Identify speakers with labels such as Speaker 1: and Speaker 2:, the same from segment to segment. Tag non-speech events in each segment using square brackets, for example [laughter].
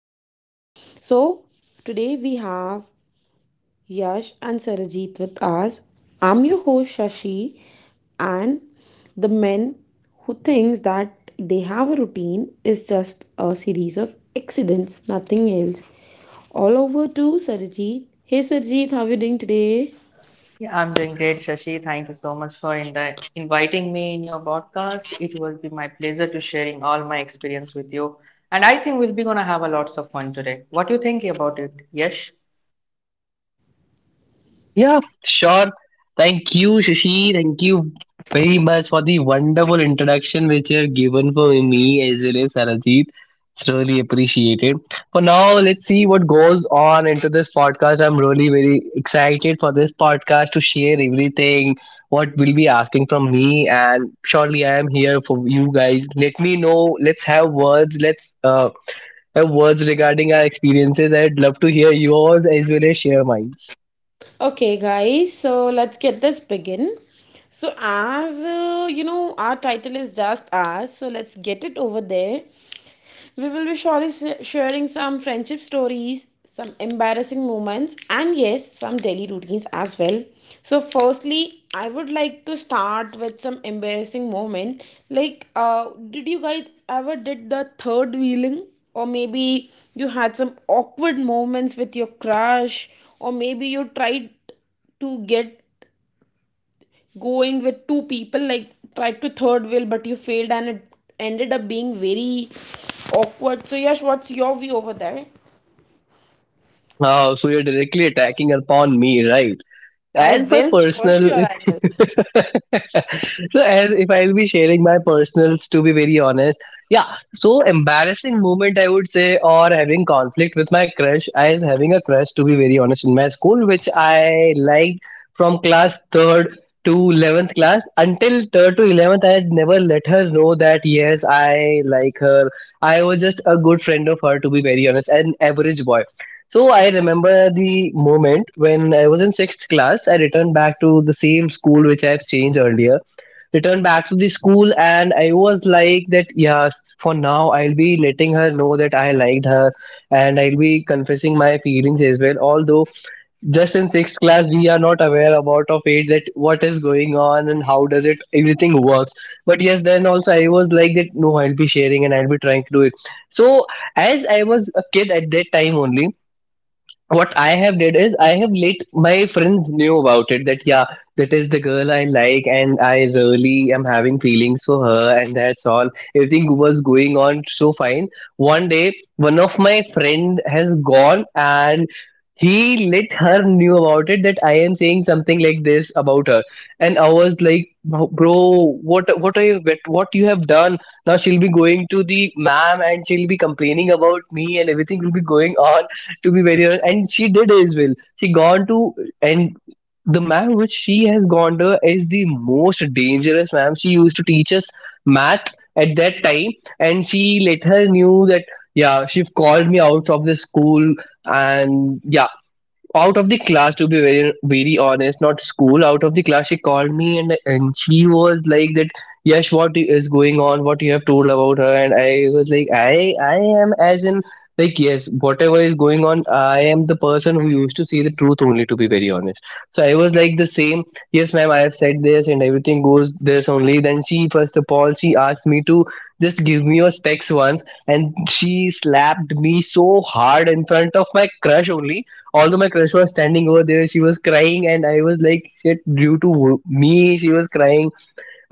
Speaker 1: us. So today we have Yash and Sarajit with us. I'm your host Shashi, and the men who thinks that they have a routine is just a series of accidents, nothing else. All over to Sarajit. Hey Sarajit, how are you doing today?
Speaker 2: Yeah, I'm doing great, Shashi. Thank you so much for inviting me in your podcast. It will be my pleasure to sharing all my experience with you. And I think we'll be gonna have a lots of fun today. What do you think about it? Yes?
Speaker 3: Yeah, sure. Thank you, Shashi. Thank you very much for the wonderful introduction which you have given for me as well as Sarajit. It's really appreciated. For now, let's see what goes on into this podcast. I'm really very excited for this podcast to share everything what will be asking from me, and surely I am here for you guys. Let me know. Let's have words. Let's have words regarding our experiences. I'd love to hear yours as well as share mine.
Speaker 1: Okay, guys, so let's get this begin. So, as you know, our title is just us, so let's get it over there. We will be surely sharing some friendship stories, some embarrassing moments, and yes, some daily routines as well. So, firstly, I would like to start with some embarrassing moment. Like, did you guys ever did the third wheeling? Or maybe you had some awkward moments with your crush, or maybe you tried to get going with two people, like tried to third wheel but you failed and it ended up being very awkward. So Yash, what's your view over there?
Speaker 3: Oh, so you're directly attacking upon me, right?
Speaker 1: I
Speaker 3: As my
Speaker 1: will, for
Speaker 3: personal, [laughs]
Speaker 1: sure I will.
Speaker 3: so as if I'll be sharing my personals, to be very honest, yeah. So embarrassing moment, I would say, or having conflict with my crush. I is having a crush, to be very honest, in my school, which I liked from class third to 11th class until third to 11th. I had never let her know that yes, I like her. I was just a good friend of her, to be very honest, an average boy. So I remember the moment when I was in sixth class. I returned back to the same school which I've changed earlier. Returned back to the school, and I was like that. Yes, for now I'll be letting her know that I liked her, and I'll be confessing my feelings as well. Although just in sixth class we are not aware about of it that what is going on and how does it everything works. But yes, then also I was like that. No, I'll be sharing and I'll be trying to do it. So as I was a kid at that time only what I have did is I have let my friends knew about it that yeah that is the girl I like and I really am having feelings for her, and that's all. Everything was going on so fine. One day one of my friend has gone and he let her knew about it that I am saying something like this about her. And I was like, "What you have done? Now she'll be going to the ma'am and she'll be complaining about me and everything will be going on, to be very honest. And she did as well. She gone to, and the ma'am which she has gone to is the most dangerous ma'am. She used to teach us math at that time. And she later knew that, yeah, she called me out of the school. And yeah, out of the class, to be very very honest, not school, out of the class, she called me, and she was like that. Yes, what is going on? What you have told about her? And I was like, I am, as in like, yes, whatever is going on, I am the person who used to see the truth only, to be very honest. So I was like the same. Yes, ma'am, I have said this and everything goes this only. Then she, first of all, she asked me to just give me your specs once, and she slapped me so hard in front of my crush only. Although my crush was standing over there, she was crying, and I was like, shit, due to me she was crying.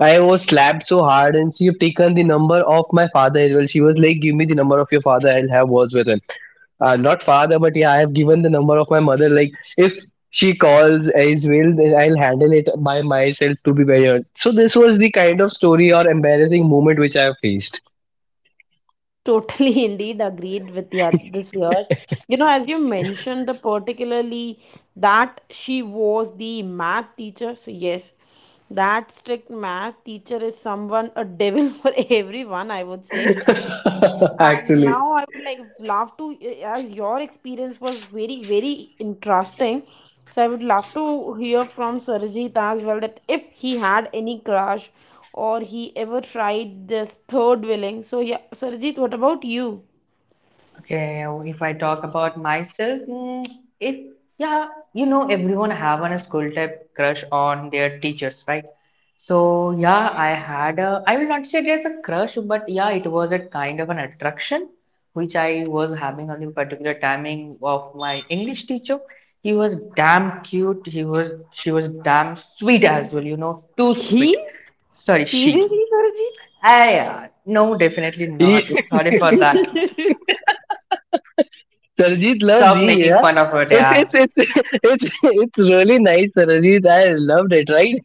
Speaker 3: I was slapped so hard, and she have taken the number of my father as well. She was like, give me the number of your father, I'll have words with him. Not father, but yeah, I have given the number of my mother. Like, if she calls as well, then I'll handle it by myself, to be very honest. So this was the kind of story or embarrassing moment which I have faced.
Speaker 1: Totally, [laughs] indeed, agreed with you, this year. You know, as you mentioned, the particularly that she was the math teacher. So yes, that strict math teacher is someone a devil [laughs] for everyone, I would say.
Speaker 3: [laughs]
Speaker 1: And
Speaker 3: Actually.
Speaker 1: now I would like love to, as your experience was very, very interesting. So I would love to hear from Sarjeet as well, that if he had any crush or he ever tried this third willing. So yeah, Sarjeet, what about you?
Speaker 2: Okay, if I talk about myself, mm, if yeah, you know, everyone have on a school type crush on their teachers, right? So yeah, I had a I will not say there's a crush, but yeah, it was a kind of an attraction which I was having on the particular timing of my English teacher. He was damn cute. He was She was damn sweet as well, you know, too sweet.
Speaker 1: He?
Speaker 2: Sorry, she.
Speaker 1: Seriously, Sarji?
Speaker 2: Ah, yeah, no, definitely
Speaker 3: [laughs]
Speaker 2: not. Sorry for that.
Speaker 3: Sarajit loves
Speaker 2: Stop
Speaker 3: E,
Speaker 2: making
Speaker 3: yeah.
Speaker 2: fun of it,
Speaker 3: It's
Speaker 2: yeah.
Speaker 3: it's it's [laughs] it's really nice, Sarajit. I loved it, right?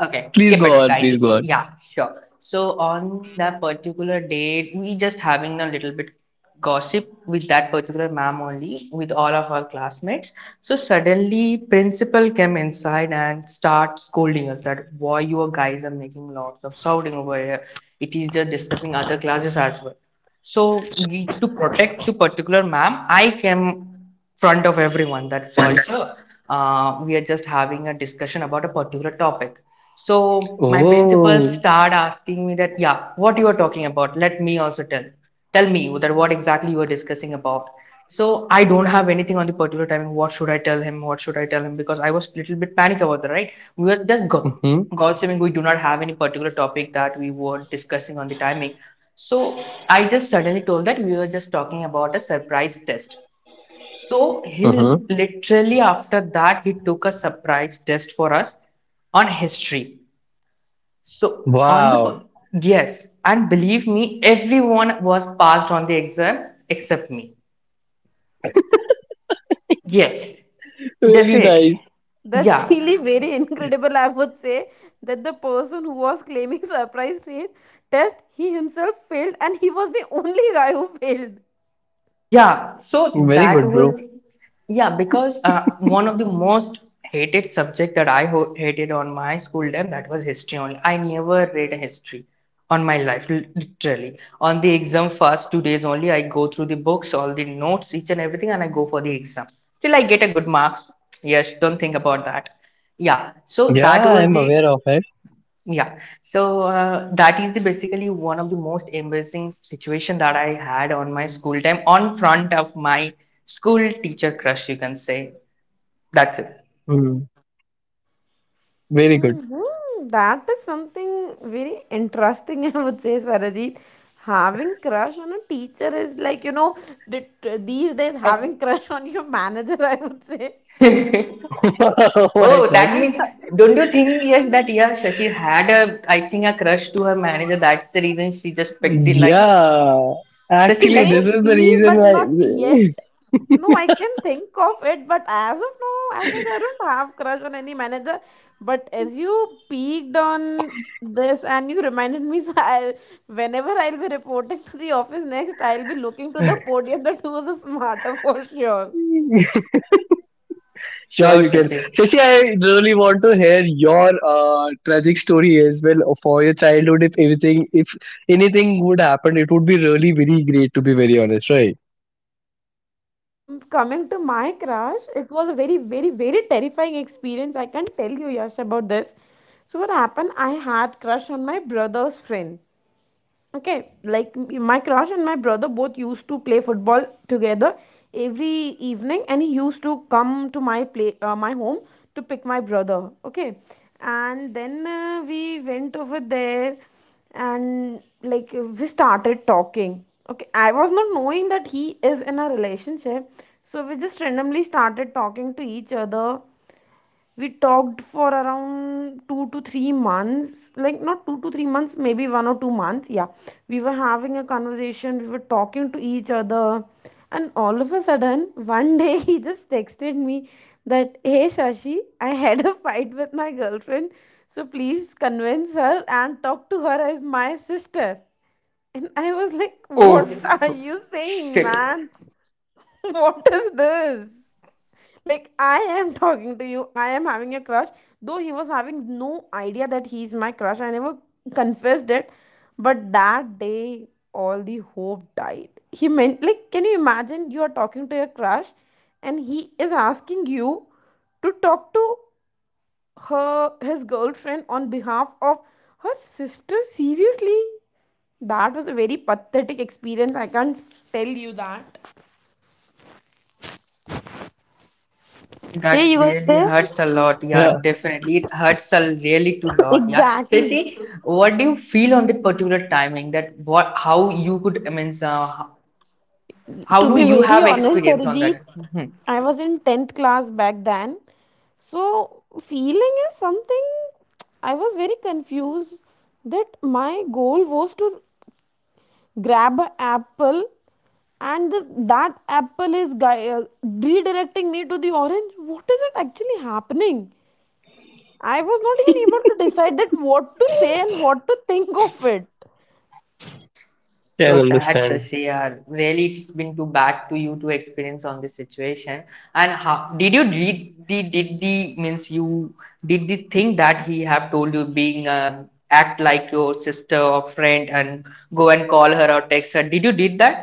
Speaker 2: Okay,
Speaker 3: Please
Speaker 2: skip
Speaker 3: go
Speaker 2: it,
Speaker 3: on, please
Speaker 2: guys.
Speaker 3: go on.
Speaker 2: Yeah, sure. So on that particular date, we just having a little bit gossip with that particular ma'am only, with all of our classmates. So suddenly, principal came inside and start scolding us that why you guys are making lots of shouting over here. It is just disturbing other classes as well. So we to protect to particular ma'am, I came front of everyone that sorry sir, we are just having a discussion about a particular topic. So my principal
Speaker 3: Oh,
Speaker 2: start asking me that yeah, what you are talking about, let me also tell me that what exactly you are discussing about. So I don't have anything on the particular timing. What should I tell him? What should I tell him? Because I was a little bit panic about that, right? We were just go
Speaker 3: mm-hmm,
Speaker 2: gossiping. We do not have any particular topic that we were discussing on the timing. So I just suddenly told that we were just talking about a surprise test. So he
Speaker 3: uh-huh.
Speaker 2: literally after that, he took a surprise test for us on history. So on
Speaker 3: Wow,
Speaker 2: the, yes, and believe me, everyone was passed on the exam except me. Yes,
Speaker 3: very nice,
Speaker 2: definitely.
Speaker 1: [laughs] That's
Speaker 2: Yeah,
Speaker 1: really very incredible. I would say that the person who was claiming [laughs] surprise rate test, he himself failed, and he was the only guy who failed.
Speaker 2: Yeah, so
Speaker 3: very
Speaker 2: that
Speaker 3: good, bro.
Speaker 2: was, yeah, because one of the most hated subject that I ho hated on my school time, that was history only. I never read a history on my life, literally. On the exam first 2 days only, I go through the books, all the notes, each and everything, and I go for the exam. Still, I get a good marks. Yes, don't think about that. Yeah, so
Speaker 3: Yeah,
Speaker 2: that was
Speaker 3: I'm
Speaker 2: the
Speaker 3: aware of it.
Speaker 2: yeah, so that is the basically one of the most embarrassing situation that I had on my school time, on front of my school teacher crush, you can say. That's it.
Speaker 3: Hmm. Very good.
Speaker 1: Mhm. That is something very interesting, [laughs] I would say, Sarajit. Having crush on a teacher is like, you know, th- these days
Speaker 2: And-
Speaker 1: having crush on your manager, [laughs] I would say.
Speaker 3: [laughs] Oh
Speaker 2: [laughs]
Speaker 3: my
Speaker 2: oh,
Speaker 3: god.
Speaker 2: that
Speaker 1: I
Speaker 2: means
Speaker 1: agree with
Speaker 2: don't you
Speaker 1: that.
Speaker 2: think yes that yeah Shashi had a, I think, a crush to her manager. That's the reason she just picked the line.
Speaker 3: Yeah,
Speaker 2: Shashi,
Speaker 3: actually,
Speaker 2: let's
Speaker 3: this is the
Speaker 1: Maybe,
Speaker 3: reason
Speaker 1: but not yet. No, I can think of it, but as of now, as such, I don't have crush on any manager. But as you peeked on this and you reminded me, [laughs] so I, whenever I'll be reporting to the office next, I'll be looking to the
Speaker 3: why.
Speaker 1: podium that who was the smarter [laughs] for sure.
Speaker 3: [laughs] Sure,
Speaker 2: sure
Speaker 3: you can.
Speaker 2: Shashi.
Speaker 3: Shashi, I really want to hear your tragic story as well for your childhood. If anything would happen, it would be really very great. To be very honest, right?
Speaker 1: Coming to my crush, it was a very, very, very terrifying experience. I can tell you, Yash, about this. So what happened? I had crush on my brother's friend. Okay, like my crush and my brother both used to play football together every evening, and he used to come to my play my home to pick my brother. Okay, and then we went over there, and like we started talking. Okay, I was not knowing that he is in a relationship, so we just randomly started talking to each other. We talked for around 2 to 3 months, like not 2 to 3 months, maybe 1 or 2 months. Yeah, we were having a conversation, we were talking to each other, and all of a sudden one day [laughs] he just texted me that, hey Shashi, I had a fight with my girlfriend, so please convince her and talk to her as my sister. And I was like,
Speaker 2: Oh
Speaker 1: what are you saying,
Speaker 2: shit.
Speaker 1: man? [laughs] What is this? Like, I am talking to you, I am having a crush. Though he was having no idea that he is my crush, I never confessed it. But that day, all the hope died. He meant, like, can you imagine you are talking to your crush and he is asking you to talk to her, his girlfriend, on behalf of her sister? Seriously? That was a very pathetic experience. I can't tell you that. Hey,
Speaker 2: That's
Speaker 1: you guys
Speaker 2: really
Speaker 1: there?
Speaker 2: hurts a
Speaker 1: [laughs]
Speaker 2: lot.
Speaker 3: Yeah,
Speaker 2: Yeah, definitely. It hurts a really too lot. Yeah. So
Speaker 1: Exactly.
Speaker 2: see, what do you feel on the particular timing that what how you could I mean, how
Speaker 1: To
Speaker 2: do
Speaker 1: be
Speaker 2: you
Speaker 1: very
Speaker 2: have
Speaker 1: honest,
Speaker 2: experience on
Speaker 1: Arijit,
Speaker 2: that? Mhm.
Speaker 1: I was in 10th class back then. So, feeling is something, I was very confused that my goal was to grab an apple and the, that apple is redirecting me to the orange. What is it actually happening? I was not even able to decide that what to say and what to think of it.
Speaker 2: So
Speaker 3: can
Speaker 2: sad,
Speaker 3: understand.
Speaker 2: Sashi. Yeah. Really, it's been too bad to you to experience on this situation. And how did you did the means you did the thing that he have told you being act like your sister or friend and go and call her or text her? Did you did that?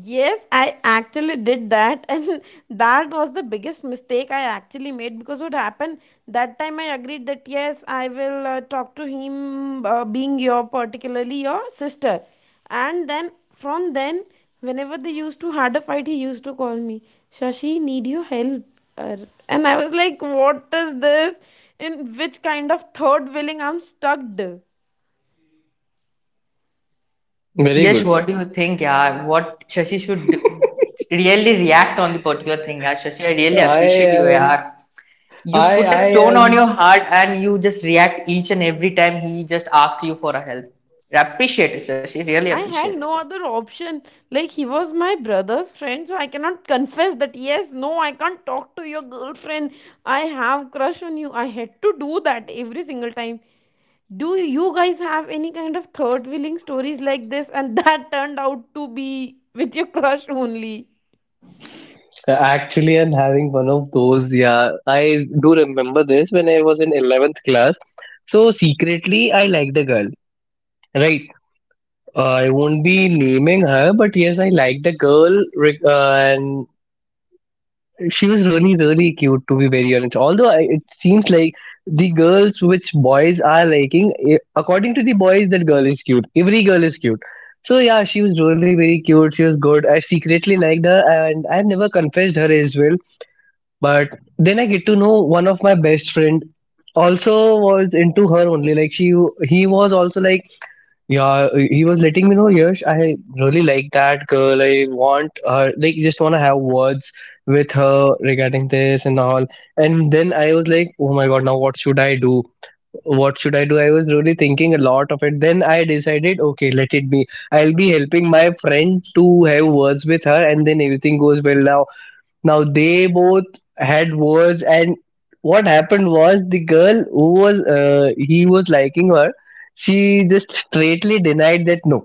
Speaker 1: Yes, I actually did that, [laughs] and that was the biggest mistake I actually made, because what happened that time I agreed that yes, I will talk to him, being your particularly your sister, and then from then, whenever they used to had a fight, he used to call me, Shashi, need your help. Uh, and I was like, what is this? In which kind of third wheeling I'm stuck?
Speaker 3: Very
Speaker 2: Yes,
Speaker 3: good.
Speaker 2: what do you think? Yeah, what Shashi should do, really react on the particular thing. Yeah, Shashi, I really
Speaker 3: I
Speaker 2: appreciate you.
Speaker 3: am.
Speaker 2: Yeah, you
Speaker 3: I
Speaker 2: put a
Speaker 3: I
Speaker 2: stone
Speaker 3: am
Speaker 2: on your heart and you just react each and every time he just asks you for a help. I appreciate it, Shashi. Really
Speaker 1: I
Speaker 2: appreciate
Speaker 1: had
Speaker 2: it.
Speaker 1: no other option. Like, he was my brother's friend, so I cannot confess that, yes, no, I can't talk to your girlfriend. I have crush on you. I had to do that every single time. Do you guys have any kind of third wheeling stories like this? And [laughs] that turned out to be with your crush only.
Speaker 3: actually. I'm having one of those. Yeah, I do remember this when I was in 11th class. So secretly, I liked a girl. Right. I won't be naming her, but yes, I liked a girl. Re- and She was really, really cute, to be very honest. Although it seems like the girls which boys are liking, according to the boys, that girl is cute. Every girl is cute. So yeah, she was really very cute. She was good. I secretly liked her, and I never confessed her as well. But then I get to know one of my best friend also was into her only. Like he was also like, yeah, he was letting me know, Yash, I really like that girl. I want her, like, just want to have words with her regarding this and all. And then I was like, oh my God, now what should I do? What should I do? I was really thinking a lot of it. Then I decided, okay, let it be. I'll be helping my friend to have words with her, and then everything goes well now. Now they both had words, and what happened was the girl who was he was liking her, she just straightly denied that no,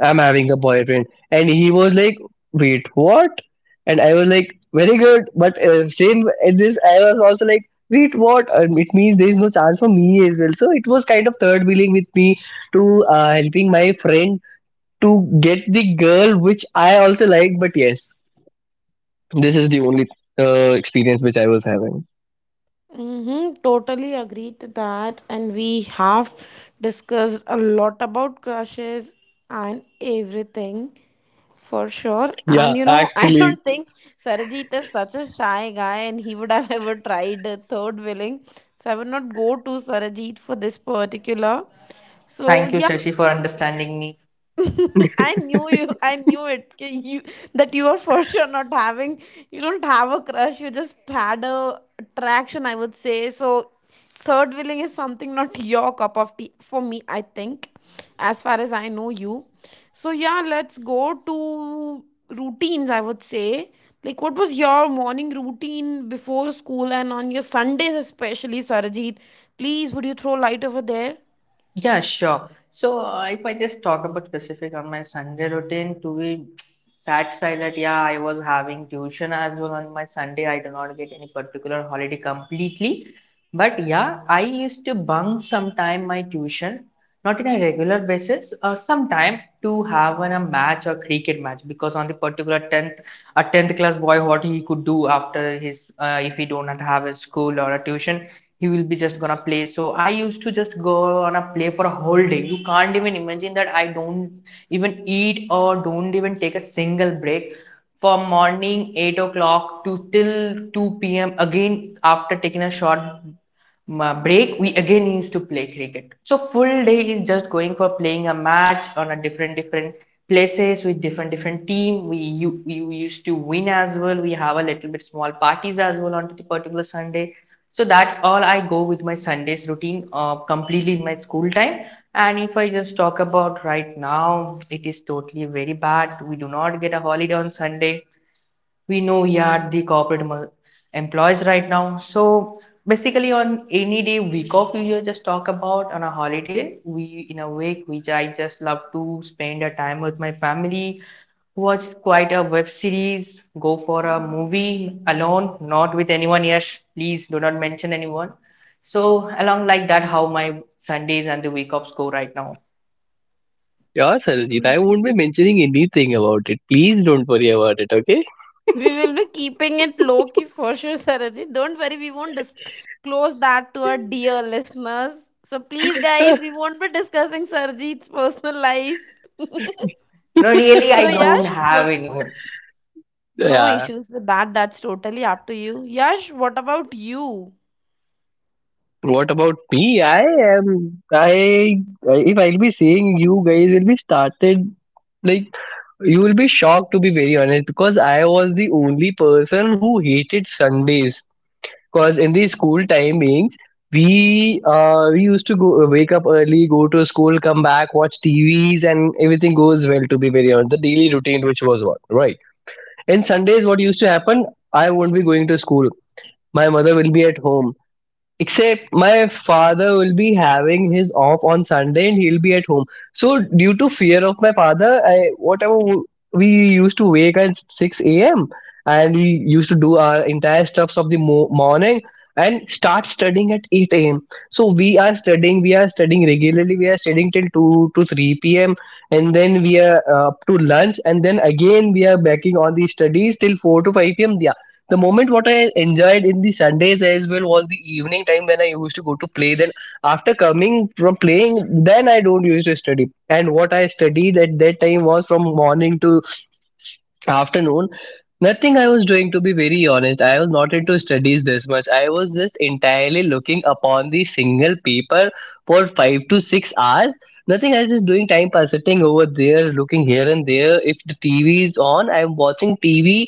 Speaker 3: I'm having a boyfriend, and he was like, wait, what? And I was like, very good, but same at this, I was also like, wait, what? It means there is no chance for me as well. So it was kind of third wheeling with me to helping my friend to get the girl which I also like, but yes. This is the only experience which I was having.
Speaker 1: Mm-hmm, totally agree to that. And we have discussed a lot about crushes and everything. For sure.
Speaker 3: Yeah,
Speaker 1: And you know, [laughs] I
Speaker 3: actually,
Speaker 1: don't think Sarajit is such a shy guy and he would have [laughs] ever tried a third willing. So I would not go to Sarajit for this particular. So
Speaker 2: Thank you,
Speaker 1: yeah,
Speaker 2: Shashi, for understanding me.
Speaker 1: [laughs] I knew you. I knew it. K, you that you are for sure not having. You don't have a crush. You just had a attraction, I would say so. Third wheeling is something not your cup of tea for me, I think, as far as I know you. So yeah, let's go to routines, I would say. Like, what was your morning routine before school and on your Sundays, especially, Sarajit? Please, would you throw light over there?
Speaker 2: Yeah, sure. So if I just talk about specific on my Sunday routine, to be that side that yeah, I was having tuition as well on my Sunday. I do not get any particular holiday completely, but yeah, I used to bunk sometime my tuition, not in a regular basis, sometimes to have a match or cricket match. Because on the particular 10th a 10th class boy, what he could do after his, if he do not have a school or a tuition, he will be just gonna play. So I used to just go on a play for a whole day. You can't even imagine that I don't even eat or don't even take a single break for morning 8 o'clock to till 2 p.m. Again, after taking a short break, we again used to play cricket. So full day is just going for playing a match on a different different places with different different team. We you we used to win as well. We have a little bit small parties as well on the particular Sunday. So that's all I go with my Sundays routine, completely in my school time. And if I just talk about right now, it is totally very bad. We do not get a holiday on Sunday. We know we are the corporate employees right now. So basically on any day week off, we just talk about on a holiday we in a week, which I just love to spend a time with my family, watch quite a web series, go for a movie alone, not with anyone. Yes, please do not mention anyone. So along like that how my Sundays and the week offs go right now.
Speaker 3: yeah, Sarojit, I won't be mentioning anything about it. Please don't worry about it, okay?
Speaker 1: We will be keeping it low key for sure, Sarajit. Don't worry, we won't disclose that to our dear listeners. So please, guys, we
Speaker 3: [laughs]
Speaker 1: won't be discussing Sarajit's personal life.
Speaker 2: No, really, I
Speaker 1: So
Speaker 2: don't
Speaker 1: Yash,
Speaker 2: have
Speaker 1: what?
Speaker 2: any.
Speaker 1: No
Speaker 3: Yeah.
Speaker 1: issues with that. That's totally up to you. Yash, what about you?
Speaker 3: What about me? I am. I. If I'll be saying, you guys will be started. Like, you will be shocked, to be very honest, because I was the only person who hated Sundays. Because in the school timings, we used to go wake up early, go to school, come back, watch TVs, and everything goes well, to be very honest. The daily routine which was what, right? And Sundays, what used to happen? I won't be going to school. My mother will be at home. Except my father will be having his off on Sunday and he'll be at home. So due to fear of my father, we used to wake at 6 a.m. And we used to do our entire stuffs of the morning, and start studying at 8 a.m. So we are studying, regularly, we are studying till 2 to 3 p.m. And then we are up to lunch, and then again we are backing on the studies till 4 to 5 p.m. The moment what I enjoyed in the Sundays as well was the evening time when I used to go to play. Then after coming from playing, then I don't used to study. And what I studied at that time was from morning to afternoon. Nothing I was doing, to be very honest. I was not into studies this much. I was just entirely looking upon the single paper for 5 to 6 hours. Nothing else is doing, time pass, sitting over there, looking here and there. If the TV is on, I'm watching TV,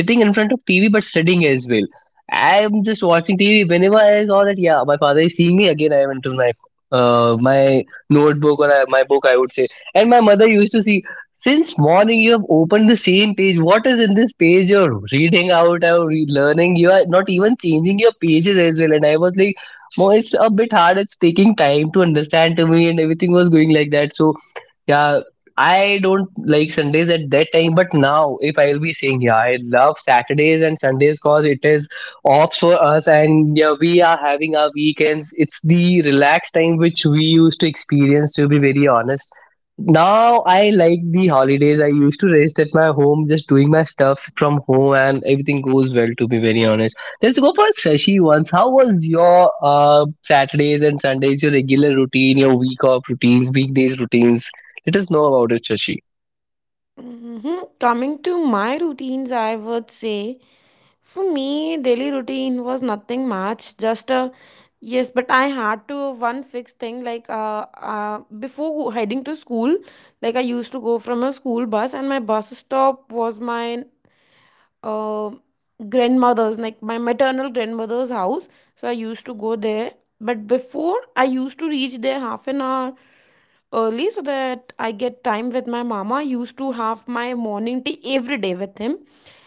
Speaker 3: sitting in front of TV, but studying as well. I'm just watching TV. Whenever I saw that, yeah, my father is seeing me, again I went to my my notebook, or my book, I would say. And my mother used to see, since morning you have opened the same page. What is in this page you're reading out or learning? You are not even changing your pages as well. And I was like, Mo, it's a bit hard. It's taking time to understand to me, and everything was going like that. So yeah, I don't like Sundays at that time, but now if I'll be saying, yeah, I love Saturdays and Sundays because it is off for us, and yeah, we are having our weekends. It's the relaxed time which we used to experience. To be very honest, now I like the holidays. I used to rest at my home, just doing my stuff from home, and everything goes well. To be very honest, let's go for Shashi once. How was your Saturdays and Sundays? Your regular routine, your week off routines, weekdays routines? Let us know about it, Shashi.
Speaker 1: Hmm, coming to my routines, I would say. For me, daily routine was nothing much. Just a yes, but I had to one fixed thing. Like, before heading to school, like I used to go from a school bus, and my bus stop was my uh, grandmother's, like my maternal grandmother's house. So I used to go there, but before I used to reach there half an hour early, so that I get time with my mama. I used to have my morning tea every day with him.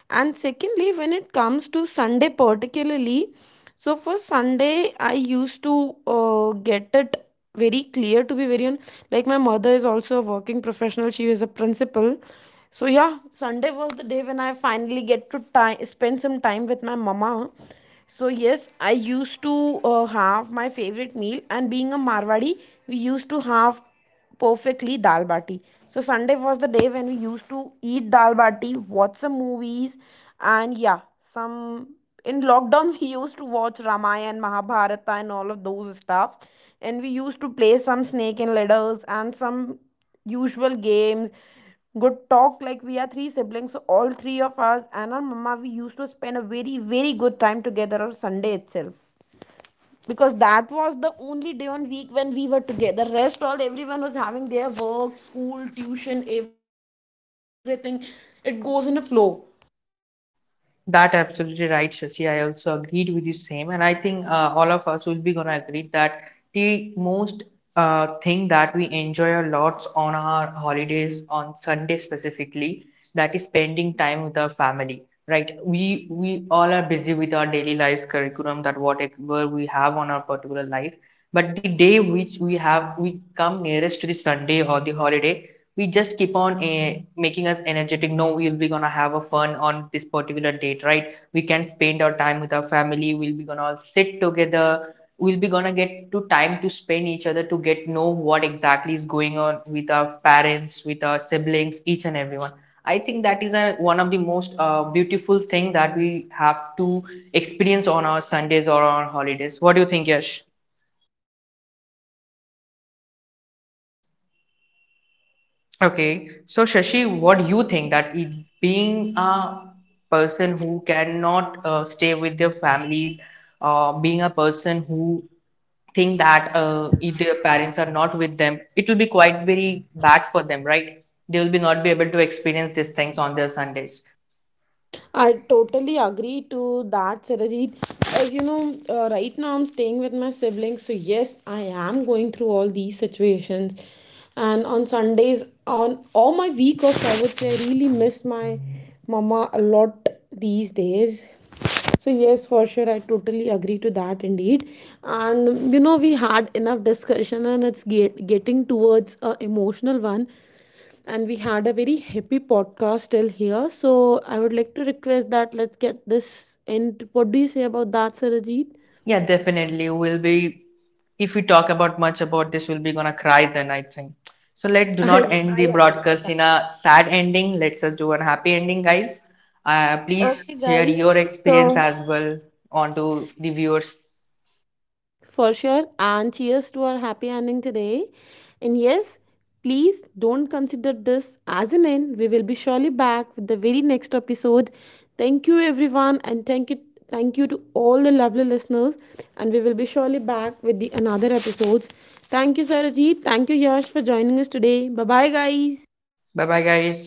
Speaker 1: And secondly, when it comes to Sunday particularly, so for Sunday I used to get it very clear, to be very on, like my mother is also a working professional, she is a principal. So yeah, Sunday was the day when I finally get to time spend some time with my mama. So yes, I used to have my favorite meal, and being a Marwadi, we used to have perfectly dal bati. So Sunday was the day when we used to eat dal bati, watch some movies, and yeah, some in lockdown [laughs] we used to watch Ramayana, Mahabharata, and all of those stuff. And we used to play some snake and ladders and some usual games. Good talk, like we are three siblings, so all three of us and our mama, we used to spend a very, very good time together on Sunday itself, because that was the only day on week when we were together. Rest all, everyone was having their work, school, tuition, everything. It goes in a flow.
Speaker 2: That absolutely right, Shashi. I also agreed with you same, and I think all of us will be gonna agree that the most thing that we enjoy a lot on our holidays on Sunday specifically, that is spending time with our family, right? We all are busy with our daily lives, curriculum, that whatever we have on our particular life, but the day which we have we come nearest to the Sunday or the holiday, we just keep on making us energetic. No, we'll be gonna have a fun on this particular date, right? We can spend our time with our family, we'll be gonna sit together, we'll be gonna get to time to spend each other to get know what exactly is going on with our parents, with our siblings, each and everyone. I think that is a, one of the most beautiful thing that we have to experience on our Sundays or on holidays. What do you think, Yash? Okay, so Shashi, what do you think that it, being a person who cannot stay with their families, being a person who think that if their parents are not with them, it will be quite very bad for them, right? They will be not be able to experience these things on their Sundays.
Speaker 1: I totally agree to that, Sarajit. As you know, right now I'm staying with my siblings, so yes, I am going through all these situations. And on Sundays, on all my week offs, I would say, I really miss my mama a lot these days. So, yes, for sure, I totally agree to that indeed. And you know, we had enough discussion, and it's getting towards a emotional one. And we had a very happy podcast till here. So, I would like to request that let's get this end. What do you say about that, Sarajit?
Speaker 2: Yeah, definitely. We'll be, if we talk about much about this, we'll be gonna cry then, I think. So let
Speaker 1: [laughs]
Speaker 2: do
Speaker 1: I,
Speaker 2: not end
Speaker 1: I
Speaker 2: the
Speaker 1: agree.
Speaker 2: broadcast in a sad ending. Let's just do a happy ending, guys.
Speaker 1: Okay,
Speaker 2: Please share
Speaker 1: guys.
Speaker 2: your experience
Speaker 1: So
Speaker 2: as well onto the viewers.
Speaker 1: for sure, and cheers to our happy ending today. And yes, please don't consider this as an end. We will be surely back with the very next episode. Thank you, everyone, and thank you to all the lovely listeners. And we will be surely back with the another episodes. Thank you, Sarajit. Thank you, Yash, for joining us today. Bye bye, guys.
Speaker 2: Bye bye, guys.